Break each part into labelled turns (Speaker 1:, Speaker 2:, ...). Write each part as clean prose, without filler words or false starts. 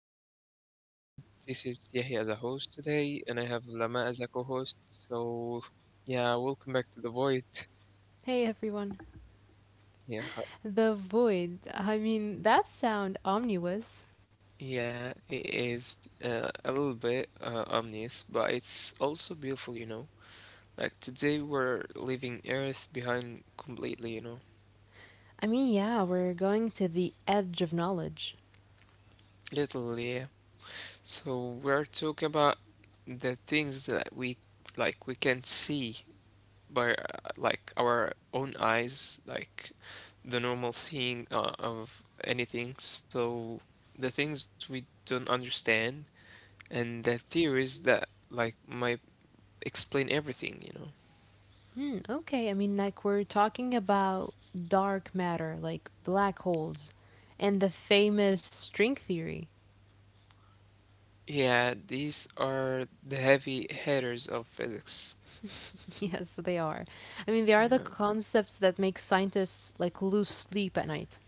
Speaker 1: back to another episode. This is Yahya as a host today, and I have Lama as a co-host. So, yeah, welcome back to the void.
Speaker 2: Hey everyone.
Speaker 1: Yeah,
Speaker 2: The void. I mean, that sound omnibus.
Speaker 1: yeah, it is a little bit ominous, but it's also beautiful, you know. Like today, we're leaving Earth behind completely, you know,
Speaker 2: Yeah, we're going to the edge of knowledge.
Speaker 1: literally. Yeah. So we're talking about the things that we we can't see by like our own eyes, like the normal seeing of anything. So the things we don't understand and the theories that like might explain everything, you know.
Speaker 2: Hmm, okay. Like we're talking about dark matter, like black holes, and the famous string theory.
Speaker 1: Yeah, these are the heavy hitters of physics.
Speaker 2: Yes, they are. I mean, they are the
Speaker 1: Yeah.
Speaker 2: concepts that make scientists like lose sleep at night.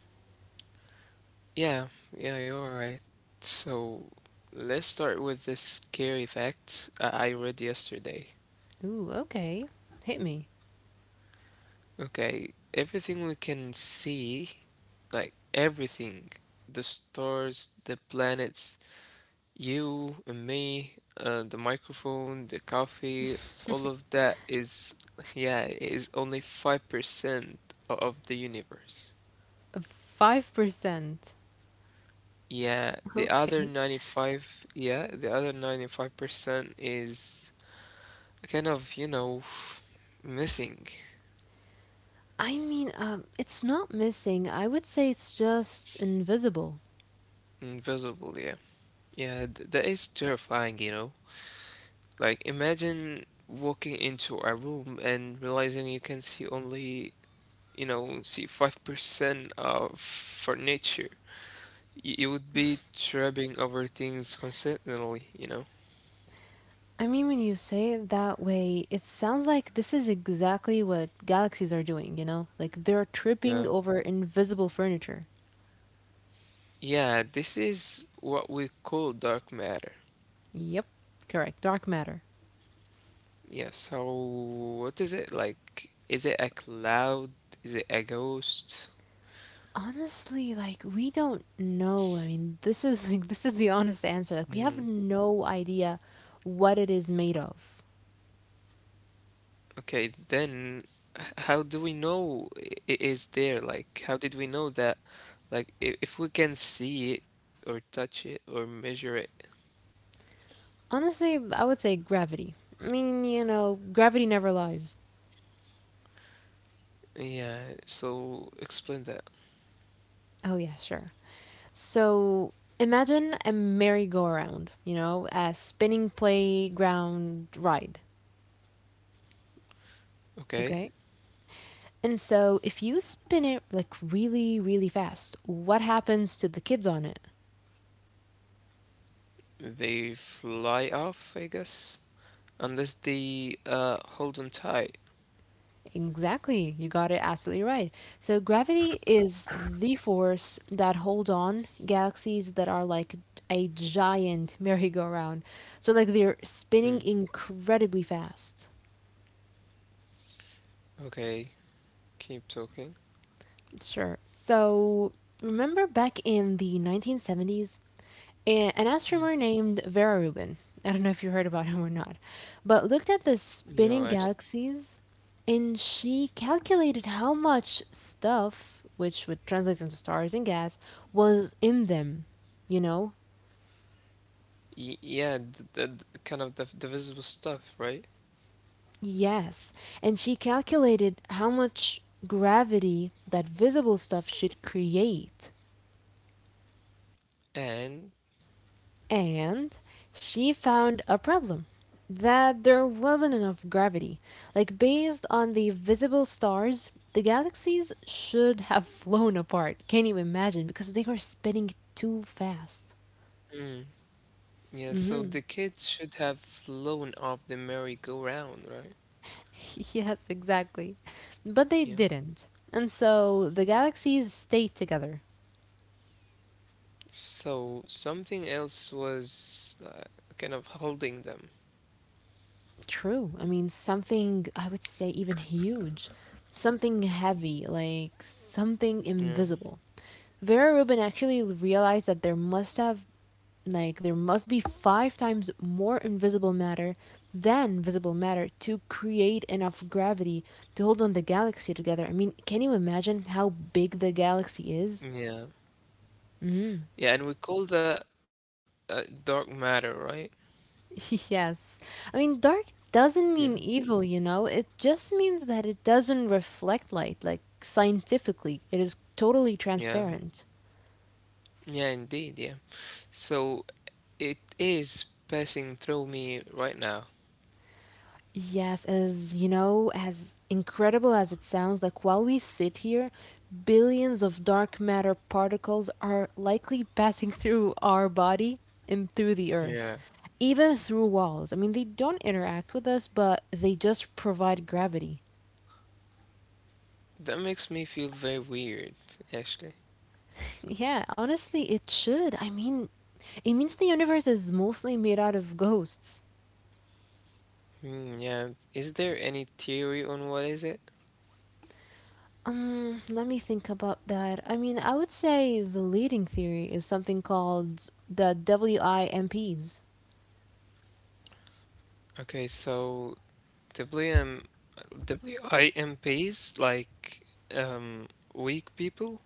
Speaker 1: Yeah, yeah, you're right. So let's start with this scary fact I read yesterday.
Speaker 2: Ooh, okay. Hit me.
Speaker 1: Okay, everything we can see, like everything, the stars, the planets, you and me, the microphone, the coffee, all of that is, yeah, is only 5% of the universe.
Speaker 2: 5%.
Speaker 1: Yeah, the other
Speaker 2: Okay.
Speaker 1: 95, yeah, the other 95% is kind of, you know, missing,
Speaker 2: It's not missing. I would say it's just invisible.
Speaker 1: invisible, yeah. Yeah, th that is terrifying, you know. Like, imagine walking into a room and realizing you can see only, you know, see 5% of furniture. You would be tripping over things constantly, you know?
Speaker 2: I mean, when you say it that way, it sounds like this is exactly what galaxies are doing, Like they're
Speaker 1: Yeah.
Speaker 2: tripping over invisible furniture.
Speaker 1: Yeah, this is what we call dark matter.
Speaker 2: Yep, correct. Dark matter.
Speaker 1: Yeah, so what is it? Like, is it a cloud? Is it a ghost?
Speaker 2: Honestly, like we don't know. I mean, this is like this is the honest answer. Like we have no idea what it is made of.
Speaker 1: Okay, then how do we know it is there? Like, how did we know that? Like, if we can see it or touch it or measure it.
Speaker 2: Honestly, I would say gravity. I mean, you know, gravity never lies.
Speaker 1: Yeah, so explain that.
Speaker 2: Oh yeah, sure. So imagine a merry-go-round, you know, a spinning playground ride,
Speaker 1: Okay,
Speaker 2: okay? And so if you spin it like really, really fast, what happens to the kids on it?
Speaker 1: they fly off, I guess, unless they hold on tight.
Speaker 2: Exactly, you got it absolutely right. So gravity is the force that holds on galaxies that are like a giant merry-go-round. So like they're spinning
Speaker 1: Mm.
Speaker 2: incredibly fast.
Speaker 1: Okay, keep talking.
Speaker 2: Sure. So remember back in the 1970s an astronomer
Speaker 1: Mm.
Speaker 2: named Vera Rubin. I don't know if you heard about him or not, but looked at the spinning
Speaker 1: No, actually,
Speaker 2: galaxies, and she calculated how much stuff, which would translate into stars and gas, was in them. You know?
Speaker 1: y yeah, the kind of the visible stuff, right?
Speaker 2: Yes. And she calculated how much gravity that visible stuff should create.
Speaker 1: And
Speaker 2: And she found a problem that there wasn't enough gravity. Like, based on the visible stars, the galaxies should have flown apart. Can you imagine? Because they were spinning too fast.
Speaker 1: mm. Yeah, so
Speaker 2: Hmm.
Speaker 1: the kids should have flown off the merry-go-round, right?
Speaker 2: Yes, exactly. But they
Speaker 1: Yeah.
Speaker 2: didn't. And so the galaxies stayed together.
Speaker 1: So something else was kind of holding them.
Speaker 2: True. I mean, something, I would say, even huge. Something heavy, like something
Speaker 1: Yeah.
Speaker 2: invisible. Vera Rubin actually realized that there must be 5 times more invisible matter than visible matter to create enough gravity to hold on the galaxy together. I mean, can you imagine how big the galaxy is?
Speaker 1: Yeah.
Speaker 2: Mm.
Speaker 1: Yeah, and we call that dark matter, right?
Speaker 2: Yes. I mean, dark
Speaker 1: Yeah.
Speaker 2: doesn't mean evil, you know? It just means that it doesn't reflect light. Like, scientifically, it is totally
Speaker 1: Yeah.
Speaker 2: transparent.
Speaker 1: Yeah, indeed, yeah. So it is passing through me right now.
Speaker 2: Yes, as you know, as incredible as it sounds, like while we sit here, billions of dark matter particles are likely passing through our body and through the
Speaker 1: Yeah.
Speaker 2: earth, even through walls. I mean, they don't interact with us, but they just provide gravity.
Speaker 1: That makes me feel very weird, actually.
Speaker 2: Yeah, honestly, it should. I mean, it means the universe is mostly made out of ghosts.
Speaker 1: Hmm, yeah. Is there any theory on what is it?
Speaker 2: Let me think about that. I mean, I would say the leading theory is something called the WIMPs.
Speaker 1: Okay, so WM, WIMPs, like um, weak people.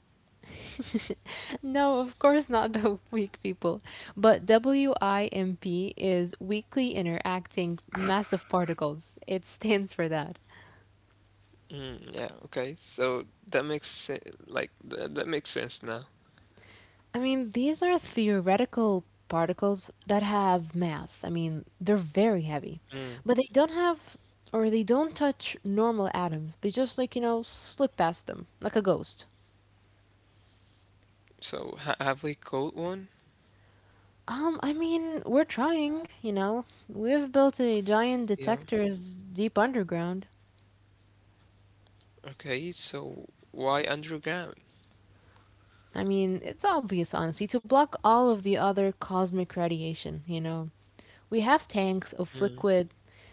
Speaker 2: No, of course not the weak people. But WIMP is weakly interacting massive particles. It stands for that.
Speaker 1: Mm, yeah, okay. So that makes like that makes sense now.
Speaker 2: I mean, these are theoretical particles that have mass. I mean, they're very heavy.
Speaker 1: Mm.
Speaker 2: But they don't have or they don't touch normal atoms. They just like, you know, slip past them like a ghost.
Speaker 1: So ha have we caught one?
Speaker 2: I mean, we're trying, you know. We've built a giant
Speaker 1: Yeah.
Speaker 2: detectors deep underground.
Speaker 1: Okay, so why underground?
Speaker 2: I mean, it's obvious, honestly, to block all of the other cosmic radiation, you know. We have tanks of
Speaker 1: Mm.
Speaker 2: liquid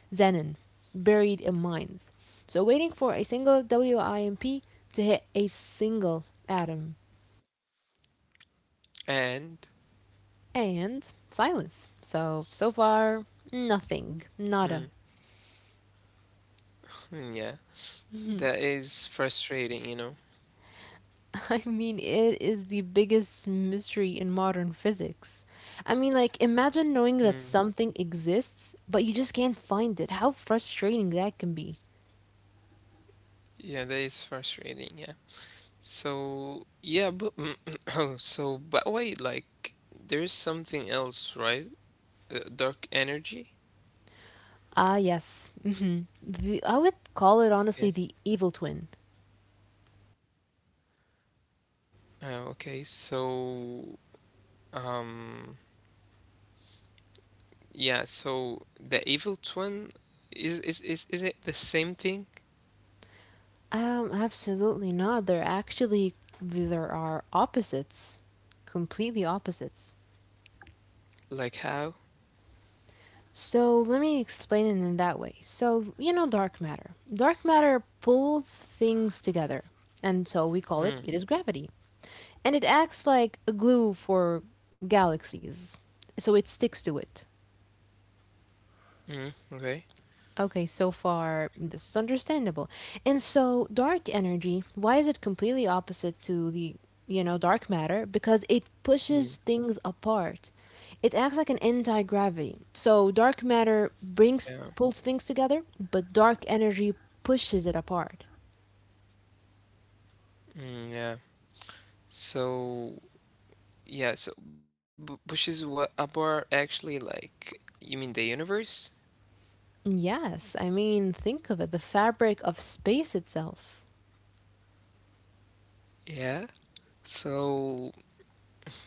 Speaker 2: xenon buried in mines. So waiting for a single WIMP to hit a single atom.
Speaker 1: And
Speaker 2: And silence. So, so far, nothing.
Speaker 1: mm,
Speaker 2: Nada.
Speaker 1: hmm, yeah, that is frustrating, you know.
Speaker 2: I mean, it is the biggest mystery in modern physics. I mean, like, imagine
Speaker 1: Mm.
Speaker 2: knowing that something exists, but you just can't find it. How frustrating that can be.
Speaker 1: Yeah, that is frustrating, yeah. So yeah, but so but wait, like there's something else, right? Dark energy.
Speaker 2: Ah, yes. Hmm. The, I would call it honestly
Speaker 1: Okay.
Speaker 2: the evil twin.
Speaker 1: Okay. So, um, yeah. So the evil twin is it the same thing?
Speaker 2: Absolutely not. There are opposites. Completely opposites.
Speaker 1: Like how?
Speaker 2: So let me explain it in that way. So, you know, dark matter. Dark matter pulls things together, and so we call it it
Speaker 1: Hmm.
Speaker 2: is gravity. And it acts like a glue for galaxies, so it sticks to it.
Speaker 1: Mm, okay.
Speaker 2: Okay, so far this is understandable. And so dark energy, why is it completely opposite to the, you know, dark matter? Because it pushes
Speaker 1: Mm,
Speaker 2: things apart. It acts like an anti-gravity. So dark matter
Speaker 1: yeah.
Speaker 2: brings pulls things together, but dark energy pushes it apart.
Speaker 1: Mm, yeah. So yeah. So b which is what Abar actually like? You mean the universe?
Speaker 2: Yes, I mean, think of it, the fabric of space itself.
Speaker 1: Yeah. So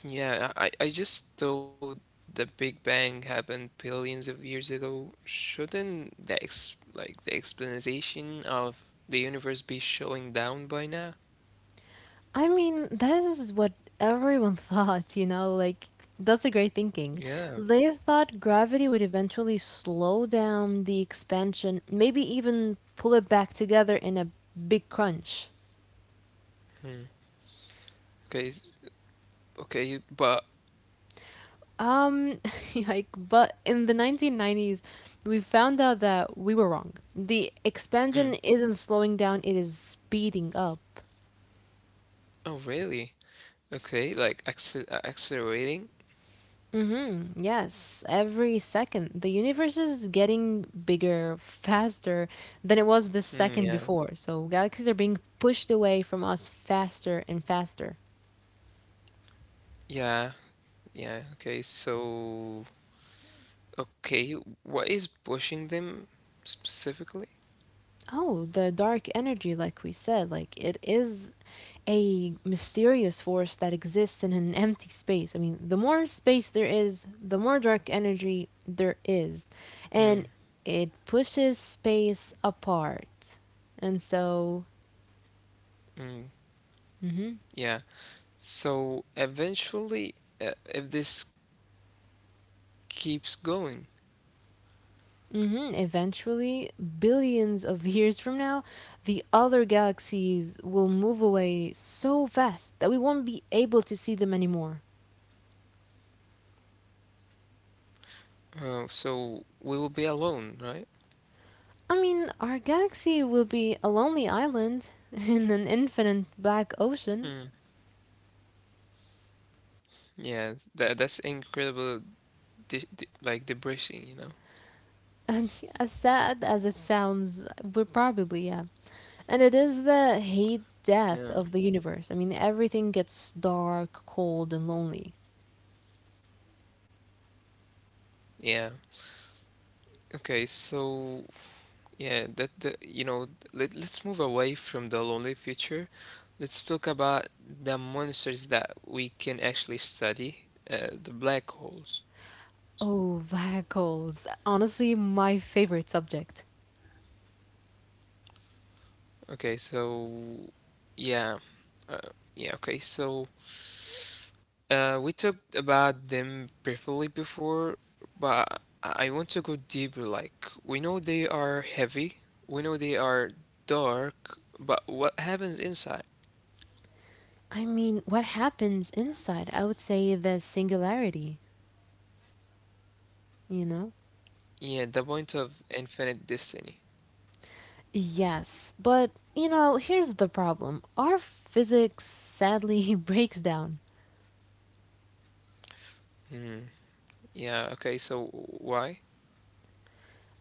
Speaker 1: yeah, I just thought the Big Bang happened billions of years ago. Shouldn't the ex like the explanation of the universe be showing down by now?
Speaker 2: I mean, that is what everyone thought, you know, like that's a great thinking.
Speaker 1: Yeah.
Speaker 2: They thought gravity would eventually slow down the expansion, maybe even pull it back together in a big crunch.
Speaker 1: Hmm. Okay. Okay. But
Speaker 2: Um, like, but in the 1990s, we found out that we were wrong. The
Speaker 1: mm.
Speaker 2: expansion isn't slowing down, it is speeding up.
Speaker 1: Oh, really? Okay. Like accelerating?
Speaker 2: Hmm. Yes, every second. The universe is getting bigger, faster than it was the
Speaker 1: Hmm,
Speaker 2: second
Speaker 1: yeah.
Speaker 2: before. So galaxies are being pushed away from us faster and faster.
Speaker 1: Yeah. Yeah. Okay. So okay, what is pushing them specifically?
Speaker 2: Oh, the dark energy, like we said, like it is a mysterious force that exists in an empty space. I mean, the more space there is, the more dark energy there is.
Speaker 1: Hmm.
Speaker 2: And it pushes space apart. And so,
Speaker 1: Mm.
Speaker 2: mhm,
Speaker 1: Yeah. So eventually, if this keeps going,
Speaker 2: hmm. Eventually, billions of years from now, the other galaxies will move away so fast that we won't be able to see them anymore.
Speaker 1: so we will be alone, right?
Speaker 2: I mean, our galaxy will be a lonely island in an infinite black ocean.
Speaker 1: Hmm. Yeah, that that's incredible, de de like depressing, you know?
Speaker 2: And as sad as it sounds, we're probably, yeah. And it is the hate death of the
Speaker 1: Yeah.
Speaker 2: universe. I mean, everything gets dark, cold, and lonely.
Speaker 1: Yeah. Okay, so yeah, that the you know, let let's move away from the lonely future. Let's talk about the monsters that we can actually study, the black holes.
Speaker 2: Oh, black holes. Honestly, my favorite subject.
Speaker 1: Okay, so yeah, yeah. Okay, so. We talked about them briefly before, but I want to go deeper. Like, we know they are heavy, we know they are dark, but what happens inside?
Speaker 2: I mean, what happens inside? I would say the singularity, you know?
Speaker 1: Yeah, the point of infinite destiny.
Speaker 2: Yes, but you know, here's the problem. Our physics sadly breaks down.
Speaker 1: Hmm. Yeah, okay, so why?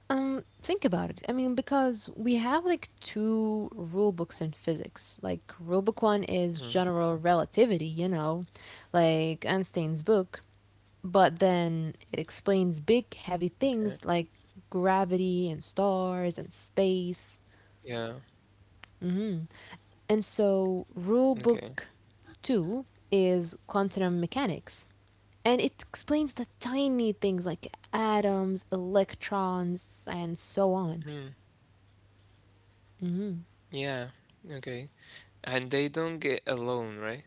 Speaker 2: Think about it. I mean, because we have like two rule books in physics. Like, rule book one is
Speaker 1: Hmm.
Speaker 2: general relativity, you know, like Einstein's book, but then it explains big, heavy
Speaker 1: Okay.
Speaker 2: things like gravity and stars and space.
Speaker 1: Yeah,
Speaker 2: Mm-hmm. And so, rule
Speaker 1: okay.
Speaker 2: book two is quantum mechanics. And it explains the tiny things like atoms, electrons, and so
Speaker 1: Hmm.
Speaker 2: on. Mhm.
Speaker 1: Yeah, okay. And they don't get alone, right?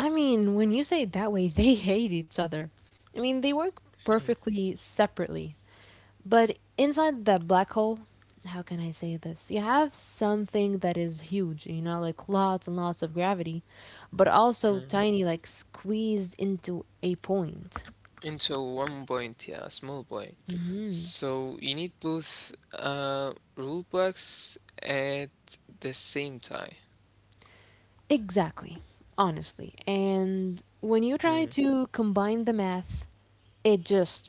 Speaker 2: I mean, when you say it that way, they hate each other. I mean, they work perfectly separately. But inside the black hole, how can I say this? You have something that is huge, you know, like lots and lots of gravity, but also
Speaker 1: Mm.
Speaker 2: tiny, like squeezed into a point.
Speaker 1: Into one point, yeah, a small point. So you need both rule books at the same time.
Speaker 2: Exactly, honestly. And when you try
Speaker 1: Mm.
Speaker 2: to combine the math, it just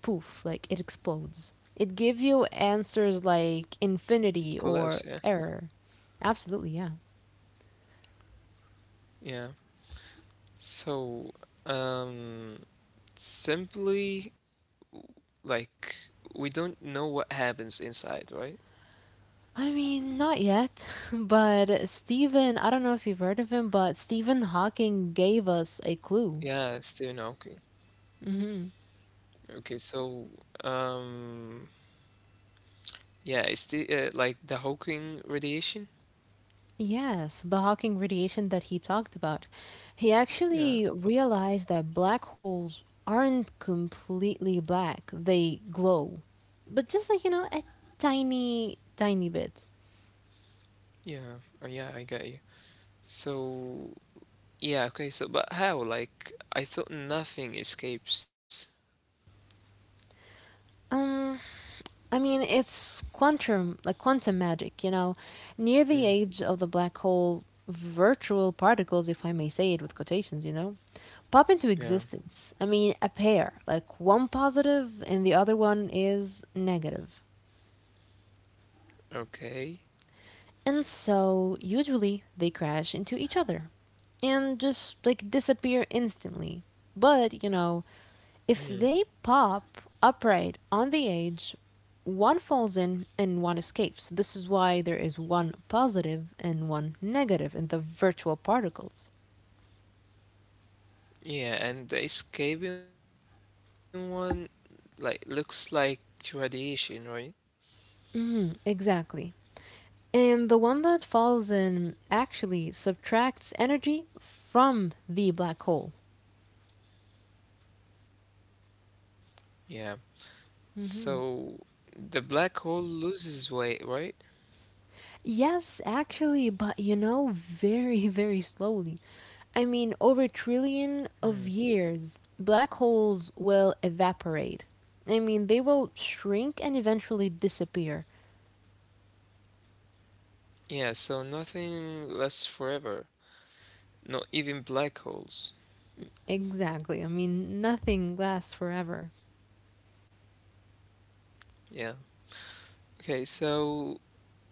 Speaker 2: poof, like it explodes. It gives you answers like
Speaker 1: Collapse, yeah.
Speaker 2: infinity or error. Absolutely, yeah.
Speaker 1: Yeah. So um simply like we don't know what happens inside, right?
Speaker 2: I mean, not yet, but Stephen, I don't know if you've heard of him, but Stephen Hawking gave us a clue.
Speaker 1: Yeah, Stephen Hawking. Okay, so um yeah, it's the like the Hawking radiation?
Speaker 2: Yes, the Hawking radiation that he talked about. He actually
Speaker 1: Yeah.
Speaker 2: realized that black holes aren't completely black, they glow. But just like, you know, a tiny, tiny bit.
Speaker 1: Yeah. Oh, yeah, I got you. So yeah, okay, so but how? Like I thought nothing escapes.
Speaker 2: Um, I mean, it's quantum, like quantum magic, you know. Near the
Speaker 1: Mm,
Speaker 2: edge of the black hole, virtual particles, if I may say it with quotations, you know, pop into
Speaker 1: yeah.
Speaker 2: existence. I mean, a pair, like one positive and the other one is negative.
Speaker 1: Okay.
Speaker 2: And so, usually, they crash into each other and just like disappear instantly. But, you know,
Speaker 1: Mm.
Speaker 2: if they pop upright on the edge, one falls in and one escapes. This is why there is one positive and one negative in the virtual particles.
Speaker 1: Yeah, and the escaping one, like, looks like radiation, right?
Speaker 2: Hmm, exactly. And the one that falls in actually subtracts energy from the black hole.
Speaker 1: Yeah. So
Speaker 2: Mm-hmm.
Speaker 1: the black hole loses weight, right?
Speaker 2: Yes, actually, but you know, very, very slowly. I mean, over a trillion of
Speaker 1: Hmm.
Speaker 2: years, black holes will evaporate. I mean, they will shrink and eventually disappear.
Speaker 1: Yeah, so nothing lasts forever. Not even black holes.
Speaker 2: Exactly. I mean, nothing lasts forever.
Speaker 1: Yeah. Okay, so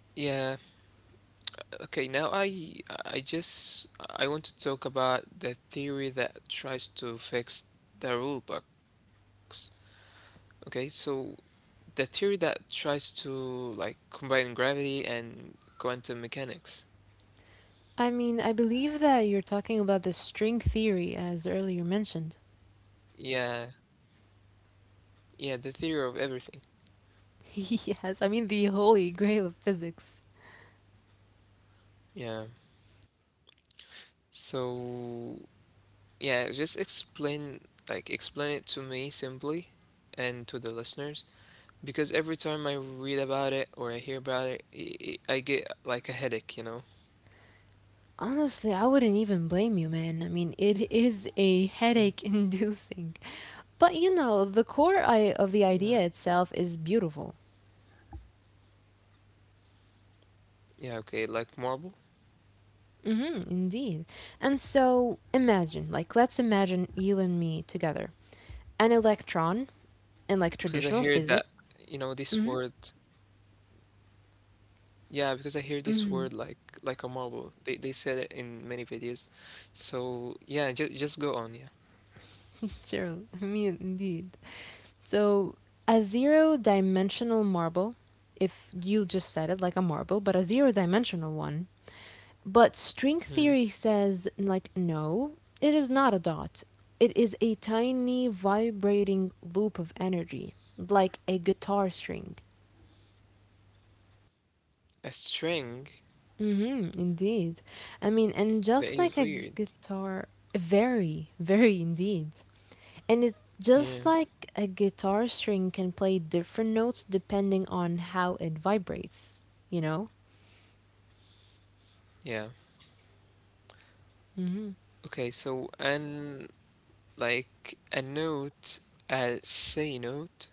Speaker 1: yeah. Okay, now I just I want to talk about the theory that tries to fix the rule box. Okay, so the theory that tries to like combine gravity and quantum mechanics.
Speaker 2: I mean, I believe that you're talking about the string theory, as earlier mentioned.
Speaker 1: Yeah, yeah, the theory of everything.
Speaker 2: Yes, I mean, the holy grail of physics.
Speaker 1: Yeah. So, yeah, just explain like explain it to me simply and to the listeners because every time I read about it or I hear about it, I get like a headache, you know.
Speaker 2: Honestly, I wouldn't even blame you, man. I mean, it is a headache
Speaker 1: Mm.
Speaker 2: inducing. But you know, the core I- of
Speaker 1: Yeah.
Speaker 2: the idea itself is beautiful.
Speaker 1: Yeah, okay, like marble
Speaker 2: Hmm, indeed. And so, imagine, like, let's imagine you and me together. An electron
Speaker 1: because I
Speaker 2: in like
Speaker 1: hear that
Speaker 2: traditional
Speaker 1: you
Speaker 2: physics.
Speaker 1: know this word.
Speaker 2: Hmm.
Speaker 1: Yeah, because I hear this word
Speaker 2: Hmm.
Speaker 1: like a marble. They said it in many videos. So yeah, just go on, yeah.
Speaker 2: Sure, me indeed. So, a zero-dimensional marble, if you just said it like a marble, but a zero-dimensional one, but string
Speaker 1: Mm.
Speaker 2: theory says, like, no, it is not a dot. It is a tiny vibrating loop of energy, like a guitar string.
Speaker 1: A string,
Speaker 2: Mm-hmm, indeed. I mean, and
Speaker 1: that
Speaker 2: just
Speaker 1: is
Speaker 2: like a
Speaker 1: weird.
Speaker 2: guitar, very, very indeed. And it
Speaker 1: Yeah.
Speaker 2: just like a guitar string can play different notes depending on how it vibrates, you know?
Speaker 1: Yeah.
Speaker 2: Mm-hmm.
Speaker 1: Okay, so and like a note, a say note.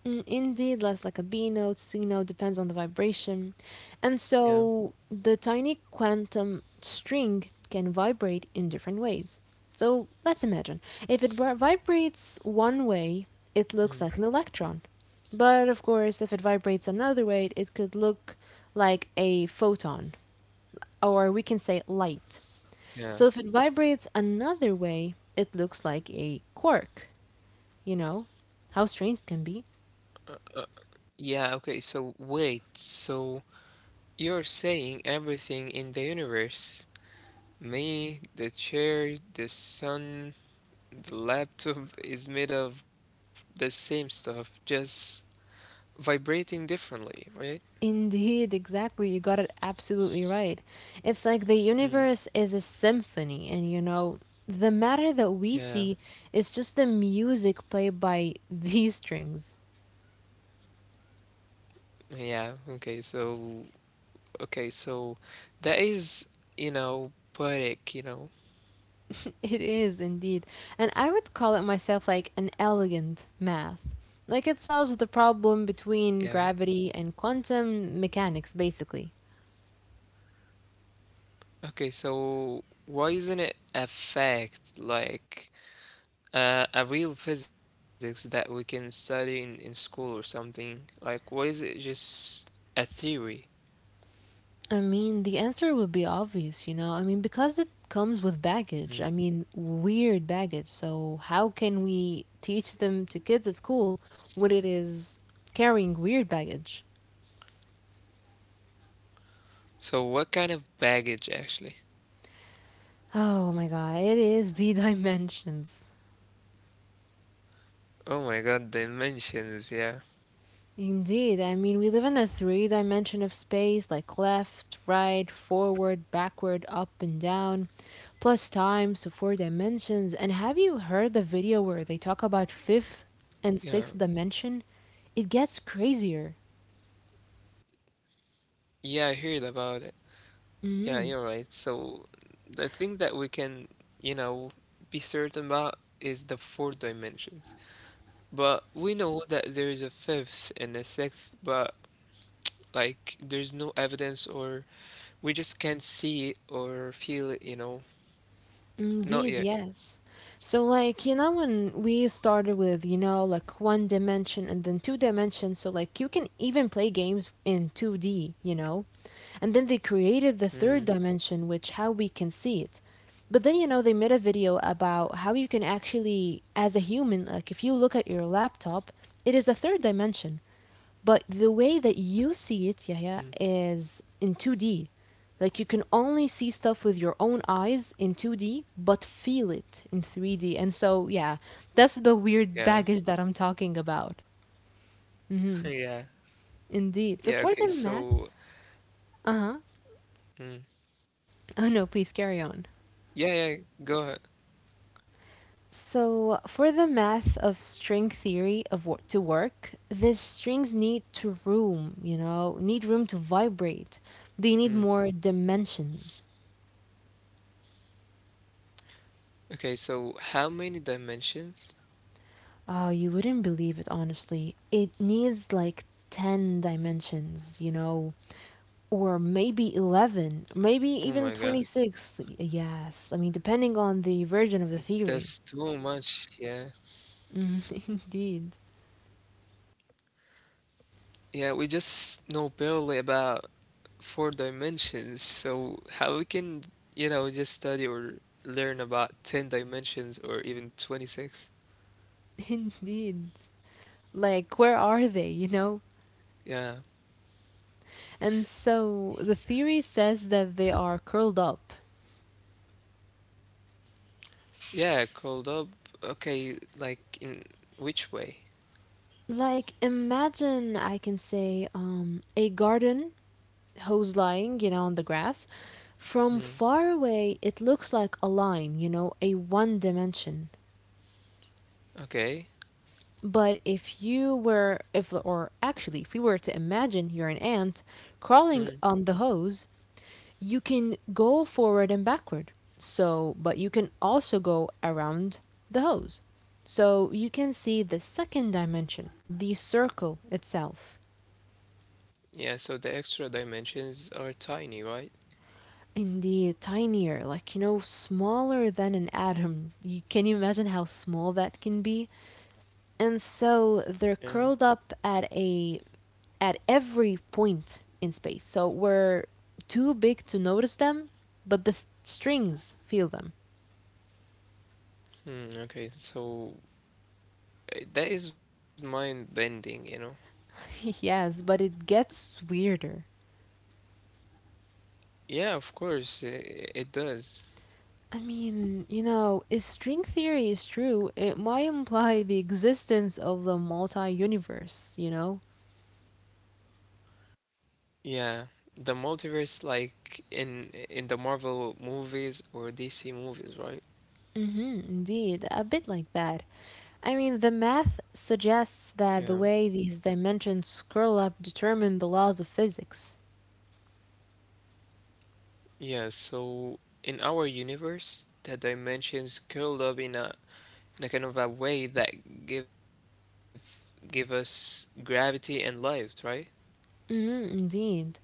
Speaker 2: Mm, indeed, less like a B note, C note, depends on the vibration. And
Speaker 1: Yeah.
Speaker 2: so the tiny quantum string can vibrate in different ways. So let's imagine if it bri- vibrates one
Speaker 1: Mm.
Speaker 2: way, it looks like an electron. But of course, if it vibrates another way, it could look like a photon, or we can say light.
Speaker 1: Yeah.
Speaker 2: So if it vibrates another way, it looks like a quark, you know? How strange it can be.
Speaker 1: Uh, yeah, okay, so wait. So you're saying everything in the universe, me, the chair, the sun, the laptop is made of the same stuff, just vibrating differently, right?
Speaker 2: Indeed, exactly. You got it absolutely right. It's like the
Speaker 1: Mm.
Speaker 2: universe is a symphony, and the matter that we
Speaker 1: Yeah,
Speaker 2: see is just the music played by these strings.
Speaker 1: yeah. Okay, so okay, so that is, you know, poetic, you know.
Speaker 2: It is indeed. And I would call it myself like an elegant math. Like it solves the problem
Speaker 1: Yeah.
Speaker 2: between gravity and quantum mechanics, basically.
Speaker 1: Okay, so why isn't it affect like a real physics that we can study in school or something? Like, why is it just a theory?
Speaker 2: I mean, the answer would be obvious, you know. I mean, because it comes with
Speaker 1: Mm.
Speaker 2: baggage. I mean, weird baggage. So, how can we teach them to kids at school when it is carrying weird baggage?
Speaker 1: So what kind of baggage actually?
Speaker 2: Oh my god, it is the dimensions.
Speaker 1: Oh my God, dimensions, yeah.
Speaker 2: Indeed, I mean, we live in a 3 dimension of space like left, right, forward, backward, up, and down, plus time, so 4 dimensions. And have you heard the video where they talk about
Speaker 1: Yeah,
Speaker 2: fifth and sixth dimension? It gets crazier.
Speaker 1: yeah, I heard about it. Yeah, you're
Speaker 2: Mm,
Speaker 1: right. So the thing that we can, you know, be certain about is the four dimensions. But we know that there is a fifth and a sixth, but like there's no evidence or we just can't see it or feel it, you know.
Speaker 2: indeed,
Speaker 1: Not yet.
Speaker 2: yes. So like, when we started with, like 1 dimension and then 2 dimensions, so like you can even play games in 2D, you know? And then they created the third
Speaker 1: Mm,
Speaker 2: dimension, which how we can see it. But then, they made a video about how you can actually, as a human, like if you look at your laptop, it is a 3rd dimension. But the way that you see it,
Speaker 1: mm,
Speaker 2: Yahya, is in 2D. Like you can only see stuff with your own eyes in 2D, but feel it in 3D. And so, yeah, that's the weird
Speaker 1: yeah.
Speaker 2: baggage that I'm talking about.
Speaker 1: Yeah.
Speaker 2: Hmm,
Speaker 1: Yeah,
Speaker 2: indeed.
Speaker 1: okay.
Speaker 2: So for the
Speaker 1: So,
Speaker 2: math, uh huh.
Speaker 1: mm,
Speaker 2: Oh no, please carry on.
Speaker 1: yeah, yeah, go ahead.
Speaker 2: So, for the math of string theory of what to work, the strings need to room, you know, need room to vibrate. They need
Speaker 1: Mm.
Speaker 2: more dimensions.
Speaker 1: Okay, so how many dimensions?
Speaker 2: Oh, you wouldn't believe it, honestly. It needs like 10 dimensions, you know, or maybe 11, maybe
Speaker 1: Oh
Speaker 2: even
Speaker 1: my God.
Speaker 2: 26. Yes, I mean, depending on the version of the theory.
Speaker 1: That's too much, yeah.
Speaker 2: Mm, Indeed,
Speaker 1: Yeah, we just know barely about four dimensions, so how we can, you know, just study or learn about 10 dimensions or even 26?
Speaker 2: indeed. Like, where are they, you know?
Speaker 1: Yeah.
Speaker 2: And so the theory says that they are curled up.
Speaker 1: Yeah, called up. Okay, like in which way?
Speaker 2: Like, imagine I can say, a garden hose lying, you know, on the grass. From far
Speaker 1: Mm.
Speaker 2: away it looks like a line, you know, a 1 dimension.
Speaker 1: Okay.
Speaker 2: But if you were, if, or actually, if you were to imagine you're an ant crawling on the
Speaker 1: Mm.
Speaker 2: hose, you can go forward and backward. So, but you can also go around the hose. So you can see the 2nd dimension, the circle itself.
Speaker 1: Yeah, so the extra dimensions are tiny, right?
Speaker 2: Indeed, tinier, like, you know, smaller than an atom. You, can you imagine how small that can be? And so they're curled
Speaker 1: Yeah.
Speaker 2: up at a at every point in space. So we're too big to notice them, but the strings feel them.
Speaker 1: Hmm, okay, so that is mind bending, you know?
Speaker 2: Yes, but it gets weirder.
Speaker 1: Yeah, of course, it does.
Speaker 2: I mean, if string theory is true, it might imply the existence of the multi universe, you know?
Speaker 1: Yeah, the multiverse like in the Marvel movies or DC movies, right?
Speaker 2: Mm-hmm, indeed, a bit like that. I mean, the math
Speaker 1: Yeah.
Speaker 2: suggests that the way these dimensions curl up determine the laws of physics.
Speaker 1: Yeah, so in our universe, the dimensions curled up in a kind of a way that give us gravity and life, right?
Speaker 2: Mhm, indeed.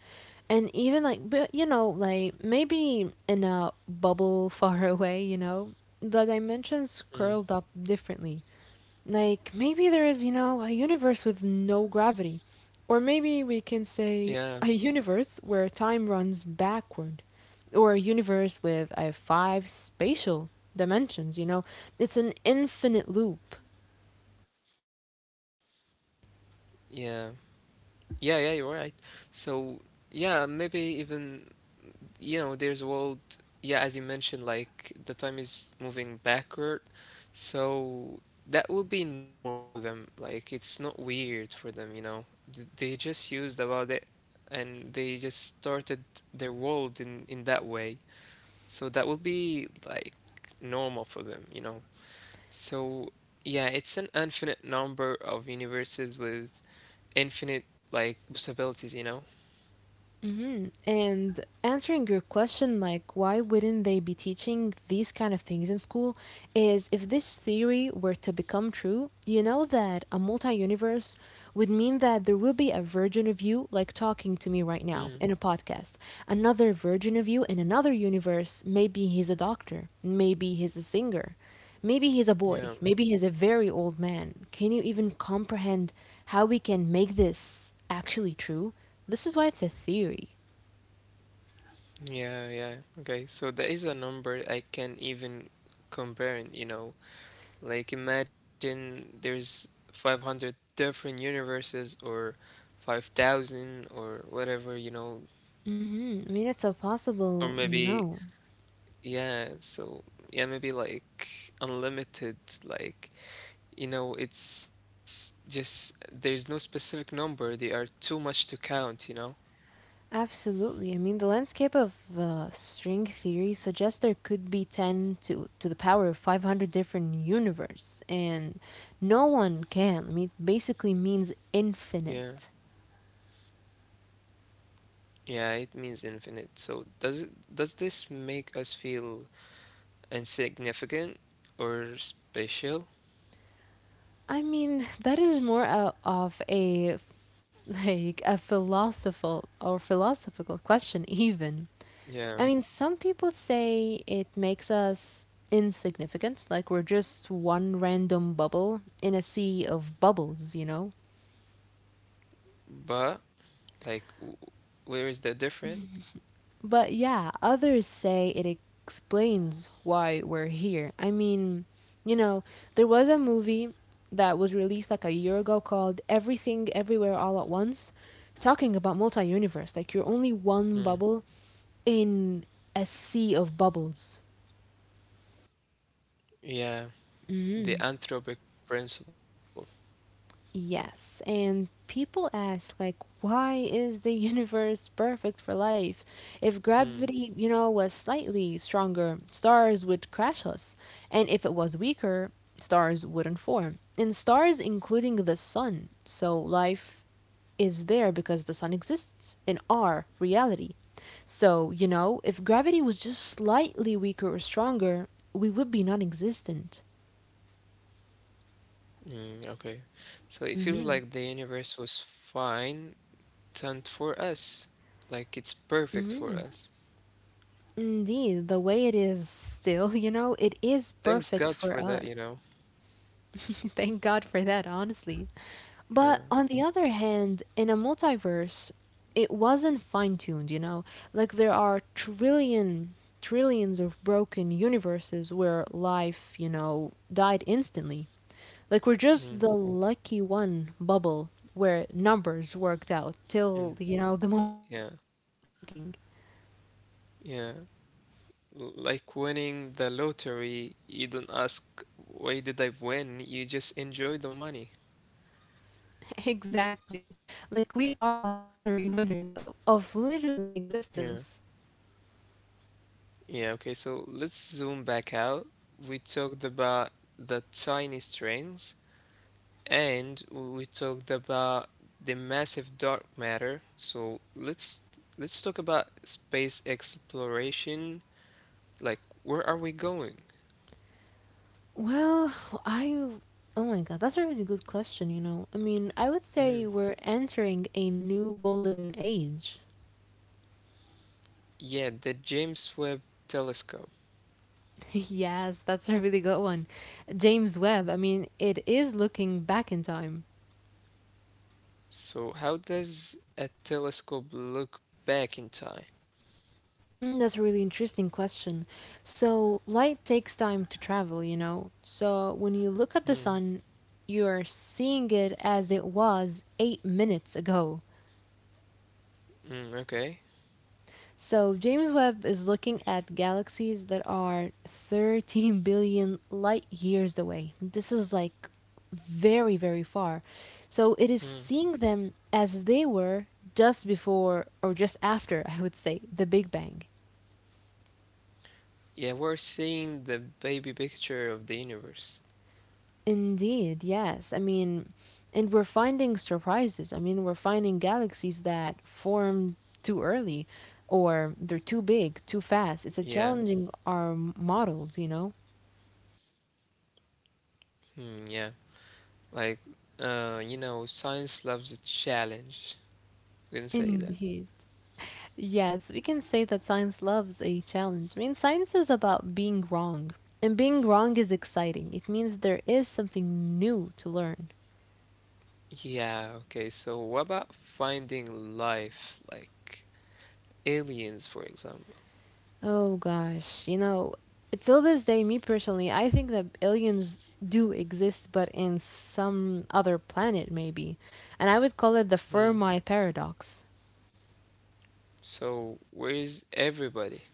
Speaker 2: And even like, but you know, like maybe in a bubble far away, the dimensions curled
Speaker 1: Mm.
Speaker 2: up differently. Like maybe there is, you know, a universe with no gravity. Or maybe we can say a
Speaker 1: Yeah,
Speaker 2: universe where time runs backward. Or a universe with a 5 spatial dimensions, you know. It's an infinite loop.
Speaker 1: yeah. Yeah, yeah, you're right. So, yeah, maybe even you know, there's a world, yeah, as you mentioned, like the time is moving backward, so that will be normal for them. Like it's not weird for them, you know. They just used about it and they just started their world in that way. So that will be like normal for them, you know. So yeah, it's an infinite number of universes with infinite like possibilities, you know.
Speaker 2: Hmm. And answering your question, like, why wouldn't they be teaching these kind of things in school? Is if this theory were to become true, you know that a multi universe would mean that there will be a version of you, like talking to me right now in a
Speaker 1: Mm,
Speaker 2: podcast. Another version of you in another universe, maybe he's a doctor, maybe he's a singer, maybe he's a boy, maybe
Speaker 1: yeah.
Speaker 2: he's a very old man. Can you even comprehend how we can make this actually true? This is why it's a theory.
Speaker 1: Yeah, yeah. Okay, so there is a number I can even compare, it, you know. Like imagine there's 500 different universes or 5,000 or whatever, you know,
Speaker 2: Hmm. I mean, it's a
Speaker 1: or
Speaker 2: possible, you
Speaker 1: maybe
Speaker 2: know.
Speaker 1: yeah, so yeah, maybe like unlimited like you know, it's just there's no specific number. They are too much to count, you know.
Speaker 2: Absolutely. I mean, the landscape of string theory suggests there could be 10 to the power of 500 different universes, and no one can. I mean, basically means
Speaker 1: Yeah.
Speaker 2: infinite.
Speaker 1: Yeah, it means infinite. So does this make us feel insignificant or special.
Speaker 2: I mean, that is more of a like a philosophical question even.
Speaker 1: Yeah,
Speaker 2: I mean, some people say it makes us insignificant, like we're just one random bubble in a sea of bubbles, you know?
Speaker 1: but like, where is the different?
Speaker 2: But yeah, others say it explains why we're here. I mean, you know, there was a movie that was released like a year ago called Everything Everywhere All at Once, talking about multi universe. Like, you're only one
Speaker 1: Mm.
Speaker 2: bubble in a sea of bubbles.
Speaker 1: Yeah, the
Speaker 2: Hmm.
Speaker 1: anthropic principle.
Speaker 2: Yes, and people ask, like, why is the universe perfect for life? If
Speaker 1: Hmm.
Speaker 2: gravity, you know, was slightly stronger, stars would crash us. And if it was weaker, stars wouldn't form. And stars, including the sun. So life is there because the sun exists in our reality. So, you know, if gravity was just slightly weaker or stronger, we would be non existent.
Speaker 1: Mm, okay, so it feels
Speaker 2: Hmm.
Speaker 1: like the universe was fine tuned for us, like it's perfect for us.
Speaker 2: Indeed, the way it is still, you know, it is
Speaker 1: Thanks
Speaker 2: perfect
Speaker 1: God
Speaker 2: for
Speaker 1: for that, you
Speaker 2: us.
Speaker 1: know.
Speaker 2: Thank God for that, honestly. But
Speaker 1: Yeah.
Speaker 2: on the other hand, in a multiverse, it wasn't fine tuned, you know? Like there are trillion, trillions of broken universes where life, you know, died instantly. Like we're just
Speaker 1: Mm.
Speaker 2: the lucky one bubble where numbers worked out
Speaker 1: Mm.
Speaker 2: till, you know, the moment that
Speaker 1: Yeah.
Speaker 2: me and you are talking.
Speaker 1: Yeah. Like winning the lottery, you don't ask, why did I win? You just enjoy the money.
Speaker 2: Exactly. Like we are the lottery winners of literally
Speaker 1: Yeah.
Speaker 2: existence.
Speaker 1: Yeah, okay, so let's zoom back out. We talked about the tiny strings and we talked about the massive dark matter. So let's talk about space exploration. Like where are we going?
Speaker 2: Well, I oh my god, that's a really good question, you know. I mean, I would
Speaker 1: Hmm.
Speaker 2: say we're entering a new golden age.
Speaker 1: Yeah, the James Webb Telescope.
Speaker 2: Yes, that's a really good one. James Webb, I mean, it is looking back in time.
Speaker 1: So how does a telescope look back in time?
Speaker 2: Mm, that's a really interesting question. So, light takes time to travel, you know. So, when you look at the
Speaker 1: Hmm.
Speaker 2: sun, you are seeing it as it was 8 minutes ago.
Speaker 1: Mm, okay.
Speaker 2: So, James Webb is looking at galaxies that are 13 billion light years away. This is like very, very far. So, it is
Speaker 1: Hmm.
Speaker 2: seeing them as they were just before or just after, I would say, the Big Bang.
Speaker 1: Yeah, we're seeing the baby picture of the universe.
Speaker 2: Indeed, yes. I mean, and we're finding surprises. I mean, we're finding galaxies that form too early or they're too big, too fast. It's
Speaker 1: Yeah,
Speaker 2: a challenging our models, you know?
Speaker 1: hmm, yeah, like you know, science loves a challenge. We can say that.
Speaker 2: Indeed. Yes, we can say that science loves a challenge. I mean, science is about being wrong, and being wrong is exciting. It means there is something new to learn.
Speaker 1: Yeah, okay. So what about finding life, like aliens, for example?
Speaker 2: Oh gosh, you know, till this day, me personally, I think that aliens do exist, but in some other planet, maybe. And I would call it the
Speaker 1: Hmm.
Speaker 2: Fermi paradox.
Speaker 1: So where is everybody?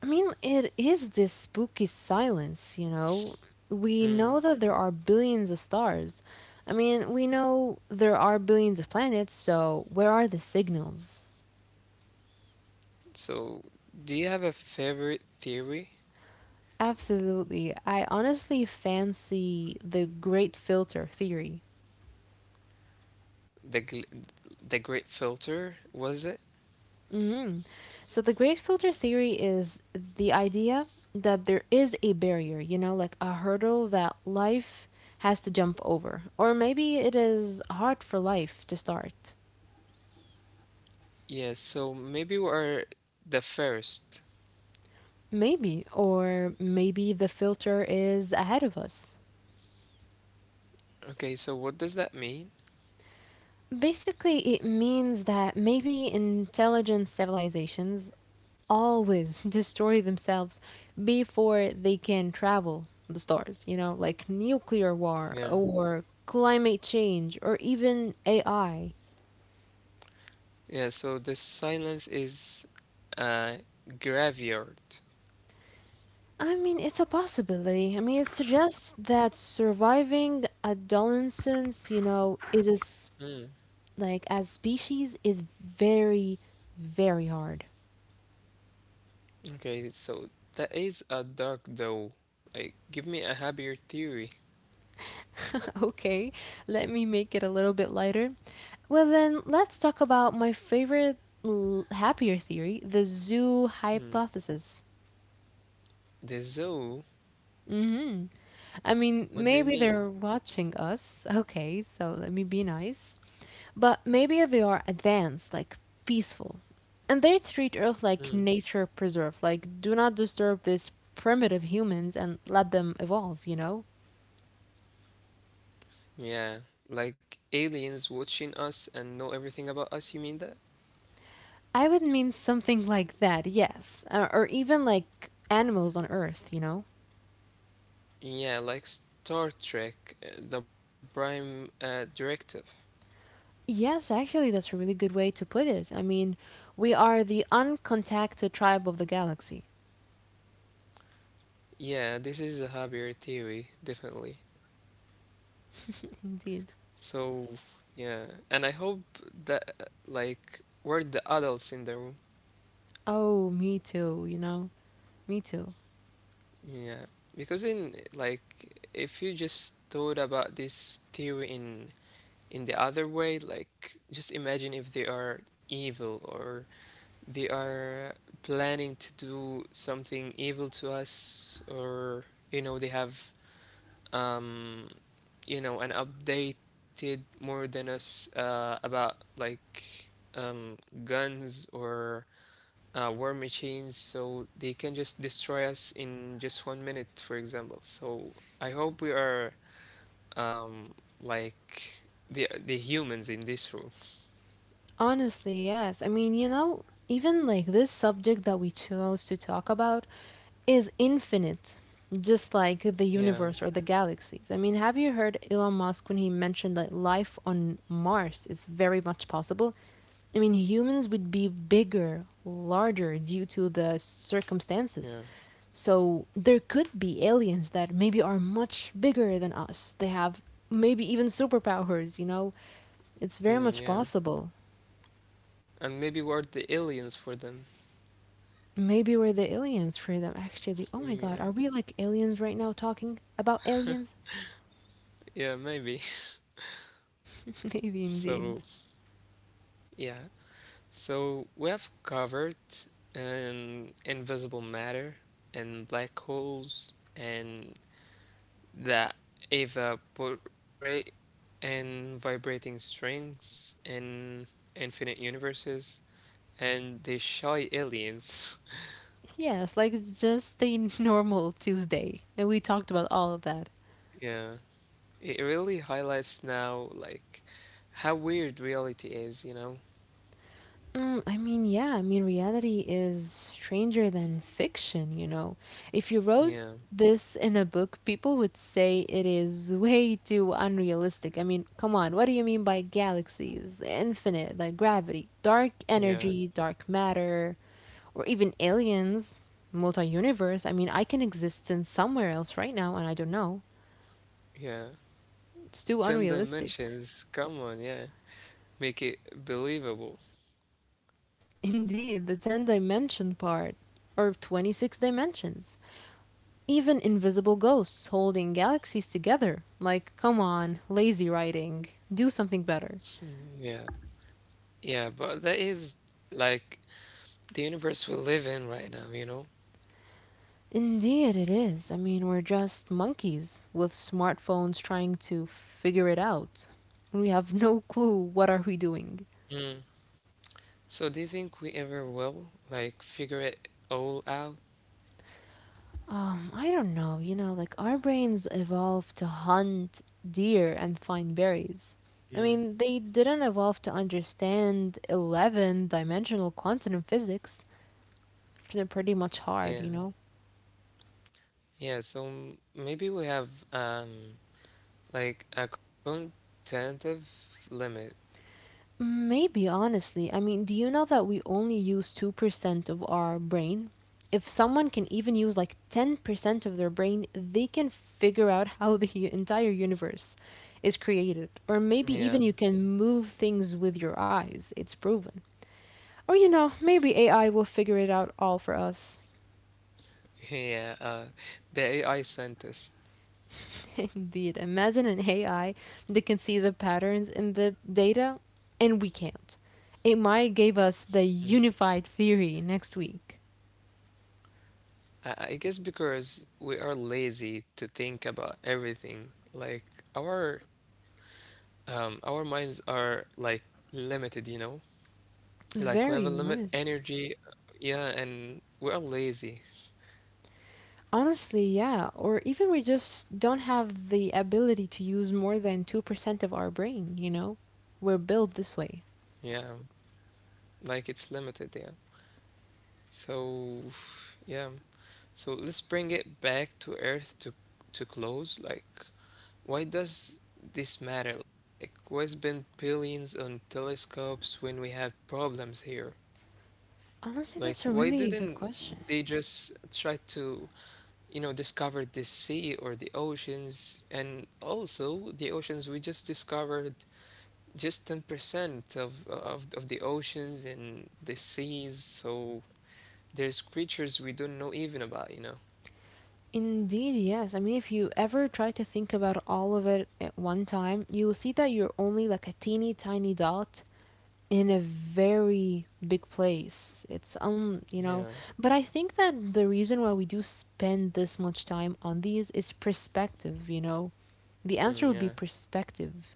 Speaker 2: I mean, it is this spooky silence, you know? We know
Speaker 1: Hmm.
Speaker 2: that there are billions of stars. I mean, we know there are billions of planets, so where are the signals?
Speaker 1: So do you have a favorite theory?
Speaker 2: Absolutely. I honestly fancy the great filter theory.
Speaker 1: The gl the great filter, was it?
Speaker 2: Mhm. So the great filter theory is the idea that there is a barrier, you know, like a hurdle that life has to jump over. Or maybe it is hard for life to start.
Speaker 1: Yeah, so maybe we are the first.
Speaker 2: Maybe. Or maybe the filter is ahead of us.
Speaker 1: Okay, so what does that mean?
Speaker 2: Basically, it means that maybe intelligent civilizations always destroy themselves before they can travel the stars, you know, like nuclear war
Speaker 1: Yeah.
Speaker 2: or climate change or even AI. I
Speaker 1: Yeah, so the silence is a graveyard.
Speaker 2: I mean, it's a possibility. I mean, it suggests that surviving adolescence, you know, is as
Speaker 1: Mm.
Speaker 2: like as species is very hard.
Speaker 1: Okay, so that is a dark though. Like, give me a happier theory.
Speaker 2: Okay, let me make it a little bit lighter. Well, then let's talk about my favorite happier theory, the zoo
Speaker 1: Mm.
Speaker 2: hypothesis.
Speaker 1: The zoo?
Speaker 2: Hmm. I mean,
Speaker 1: What do you
Speaker 2: maybe
Speaker 1: mean?
Speaker 2: they're watching us. Okay, so let me be nice. But maybe they are advanced, like peaceful. And they treat Earth like
Speaker 1: Mm.
Speaker 2: nature preserve, like do not disturb these primitive humans and let them evolve, you know?
Speaker 1: Yeah, like aliens watching us and know everything about us, you mean that?
Speaker 2: I would mean something like that, yes. Or even like animals on Earth, you know?
Speaker 1: Yeah, like Star Trek, the Prime Directive.
Speaker 2: Yes, actually, that's a really good way to put it. I mean, we are the uncontacted tribe of the galaxy.
Speaker 1: Yeah, this is a happier theory, definitely.
Speaker 2: Indeed.
Speaker 1: So, yeah, and I hope that like we're the adults in the room.
Speaker 2: Oh, me too, you know? Me too.
Speaker 1: Yeah, because in like if you just thought about this theory in the other way, like just imagine if they are evil or they are planning to do something evil to us or you know they have um, you know, and updated more than us about um, guns or war machines, so they can just destroy us in just 1 minute, for example. So I hope we are um, like the humans in this room.
Speaker 2: Honestly, yes. I mean, you know, even like this subject that we chose to talk about is infinite, just like the
Speaker 1: Yeah,
Speaker 2: universe or the galaxies. I mean, have you heard Elon Musk when he mentioned that life on Mars is very much possible? I mean, humans would be bigger, larger due to the circumstances.
Speaker 1: yeah,
Speaker 2: So there could be aliens that maybe are much bigger than us. They have maybe even superpowers, you know? It's very
Speaker 1: mm,
Speaker 2: much
Speaker 1: yeah,
Speaker 2: possible.
Speaker 1: and maybe we're the aliens for them.
Speaker 2: Maybe we're the aliens for them, actually. Oh my god,
Speaker 1: Yeah,
Speaker 2: are we like aliens right now talking about aliens?
Speaker 1: yeah, maybe.
Speaker 2: Maybe indeed.
Speaker 1: So yeah, so we have covered invisible matter and black holes and the Eva portrait and vibrating strings and infinite universes and the shy aliens.
Speaker 2: Yes, like it's just a normal Tuesday. And we talked about all of that.
Speaker 1: Yeah, it really highlights now like how weird reality is, you know?
Speaker 2: Mm, I mean, yeah, I mean, reality is stranger than fiction, you know. If you wrote
Speaker 1: Yeah,
Speaker 2: this in a book, people would say it is way too unrealistic. I mean, come on, what do you mean by galaxies, infinite, like gravity, dark
Speaker 1: yeah,
Speaker 2: energy, dark matter, or even aliens, multi universe? I mean, I can exist in somewhere else right now, and I don't know.
Speaker 1: yeah.
Speaker 2: It's too
Speaker 1: Ten
Speaker 2: unrealistic.
Speaker 1: dimensions, come on, yeah. Make it believable.
Speaker 2: Indeed, the 10 dimension part, or 26 dimensions. Even invisible ghosts holding galaxies together. Like, come on, lazy writing. Do something better.
Speaker 1: Yeah. Yeah, but that is like the universe we live in right now, you know?
Speaker 2: Indeed, it is. I mean, we're just monkeys with smartphones trying to figure it out. We have no clue what are we doing.
Speaker 1: Mm. So do you think we ever will like figure it all out?
Speaker 2: I don't know. You know, like our brains evolved to hunt deer and find berries. I
Speaker 1: Mm.
Speaker 2: mean, they didn't evolve to understand 11 dimensional quantum physics. They're pretty much hard,
Speaker 1: Yeah.
Speaker 2: you know?
Speaker 1: Yeah, so maybe we have like a cognitive limit.
Speaker 2: Mm, maybe, honestly. I mean, do you know that we only use 2% of our brain? If someone can even use like 10% of their brain, they can figure out how the entire universe is created. Or
Speaker 1: Yeah.
Speaker 2: maybe even you can move things with your eyes. It's proven. Or, you know, maybe AI will figure it out all for us.
Speaker 1: Yeah, the AI scientist.
Speaker 2: Indeed. Imagine an AI that can see the patterns in the data, and we can't. It might give us the
Speaker 1: Mm.
Speaker 2: unified theory next week.
Speaker 1: I guess because we are lazy to think about everything. Like our our minds are like limited, you know? Like we have a
Speaker 2: Very
Speaker 1: limit
Speaker 2: limited.
Speaker 1: energy, yeah, and we are lazy,
Speaker 2: Honestly, yeah. Or even we just don't have the ability to use more than 2% of our brain, you know? We're built this way.
Speaker 1: yeah. Like it's limited, yeah. So, yeah. So let's bring it back to Earth to close. Like, why does this matter? Like, why spend billions on telescopes when we have problems here?
Speaker 2: Honestly, that's a
Speaker 1: Like, why
Speaker 2: really good
Speaker 1: didn't
Speaker 2: question.
Speaker 1: they just try to, you know, discover the sea or the oceans? And also, the oceans we just discovered just 10% of the oceans and the seas, so there's creatures we don't know even about, you know.
Speaker 2: Indeed, yes. I mean, if you ever try to think about all of it at one time, you will see that you're only like a teeny tiny dot in a very big place. It's you know,
Speaker 1: Yeah.
Speaker 2: but I think that the reason why we do spend this much time on these is perspective, you know. The answer
Speaker 1: Mm,
Speaker 2: would be
Speaker 1: yeah,
Speaker 2: perspective.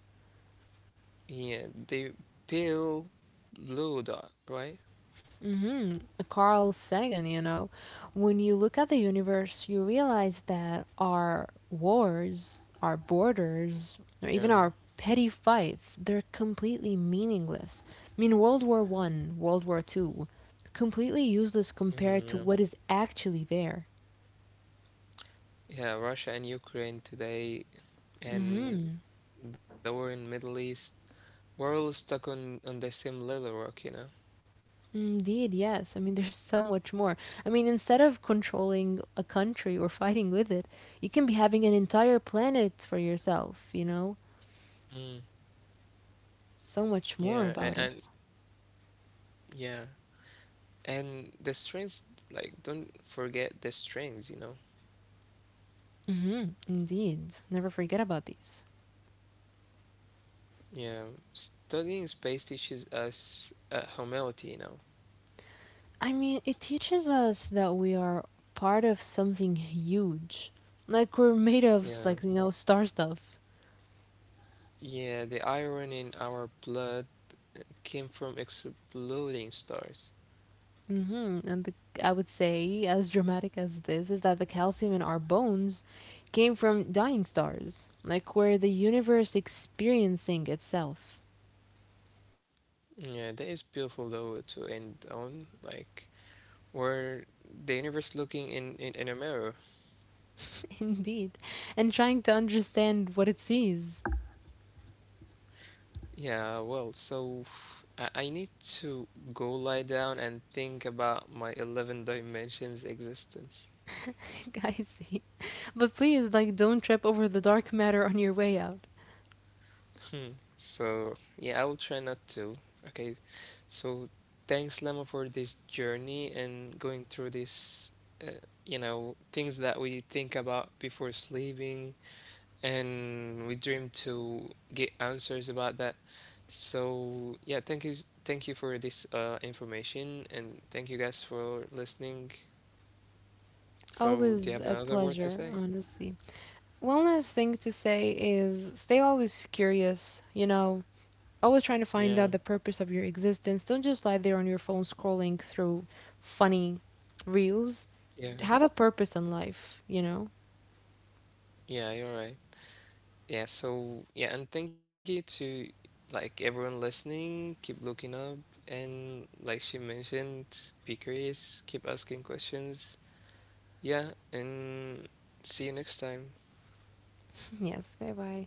Speaker 1: yeah, the pale blue dot, right?
Speaker 2: Hmm. Carl Sagan, you know, when you look at the universe, you realize that our wars, our borders, or even
Speaker 1: Yeah.
Speaker 2: our petty fights, they're completely meaningless. I mean, World War One, World War Two, completely useless compared
Speaker 1: Mm,
Speaker 2: to
Speaker 1: yeah,
Speaker 2: what is actually there.
Speaker 1: yeah, Russia and Ukraine today and the war in Middle East, we're all stuck on the same little rock, you know.
Speaker 2: Indeed, yes. I mean, there's so much more. I mean, instead of controlling a country or fighting with it, you can be having an entire planet for yourself, you know?
Speaker 1: Mm,
Speaker 2: So much
Speaker 1: yeah,
Speaker 2: more
Speaker 1: and,
Speaker 2: about
Speaker 1: and
Speaker 2: it.
Speaker 1: yeah, and the strings, like, don't forget the strings, you know.
Speaker 2: Hmm, indeed. Never forget about these.
Speaker 1: Yeah, studying space teaches us humility, you know.
Speaker 2: I mean, it teaches us that we are part of something huge. Like, we're made of, like,
Speaker 1: Yeah,
Speaker 2: you know, star stuff.
Speaker 1: yeah, the iron in our blood came from exploding stars.
Speaker 2: Hmm. And the, I would say, as dramatic as this, is that the calcium in our bones came from dying stars, like where the universe experiencing itself,
Speaker 1: Yeah, that is beautiful though to end on, like where the universe looking in a mirror.
Speaker 2: indeed, and trying to understand what it sees.
Speaker 1: Yeah, well, so I need to go lie down and think about my 11 dimensions existence.
Speaker 2: I see. But please, like, don't trip over the dark matter on your way out.
Speaker 1: Hmm. So, yeah, I will try not to. Okay, so thanks, Lemma, for this journey and going through this, uh, you know, things that we think about before sleeping, and we dream to get answers about that. So yeah, thank you, thank you for this information, and thank you guys for listening. So do you
Speaker 2: Always
Speaker 1: have
Speaker 2: a
Speaker 1: another word to
Speaker 2: pleasure,
Speaker 1: say?
Speaker 2: honestly. One last thing to say is stay always curious, you know, always trying to
Speaker 1: Yeah,
Speaker 2: find out the purpose of your existence. Don't just lie there on your phone scrolling through funny reels.
Speaker 1: yeah,
Speaker 2: Have a purpose in life, you know?
Speaker 1: yeah. You're right. Yeah, so yeah, and thank you to like everyone listening. Keep looking up, and like she mentioned, be curious, keep asking questions. Yeah, and see you next time.
Speaker 2: Yes, bye bye.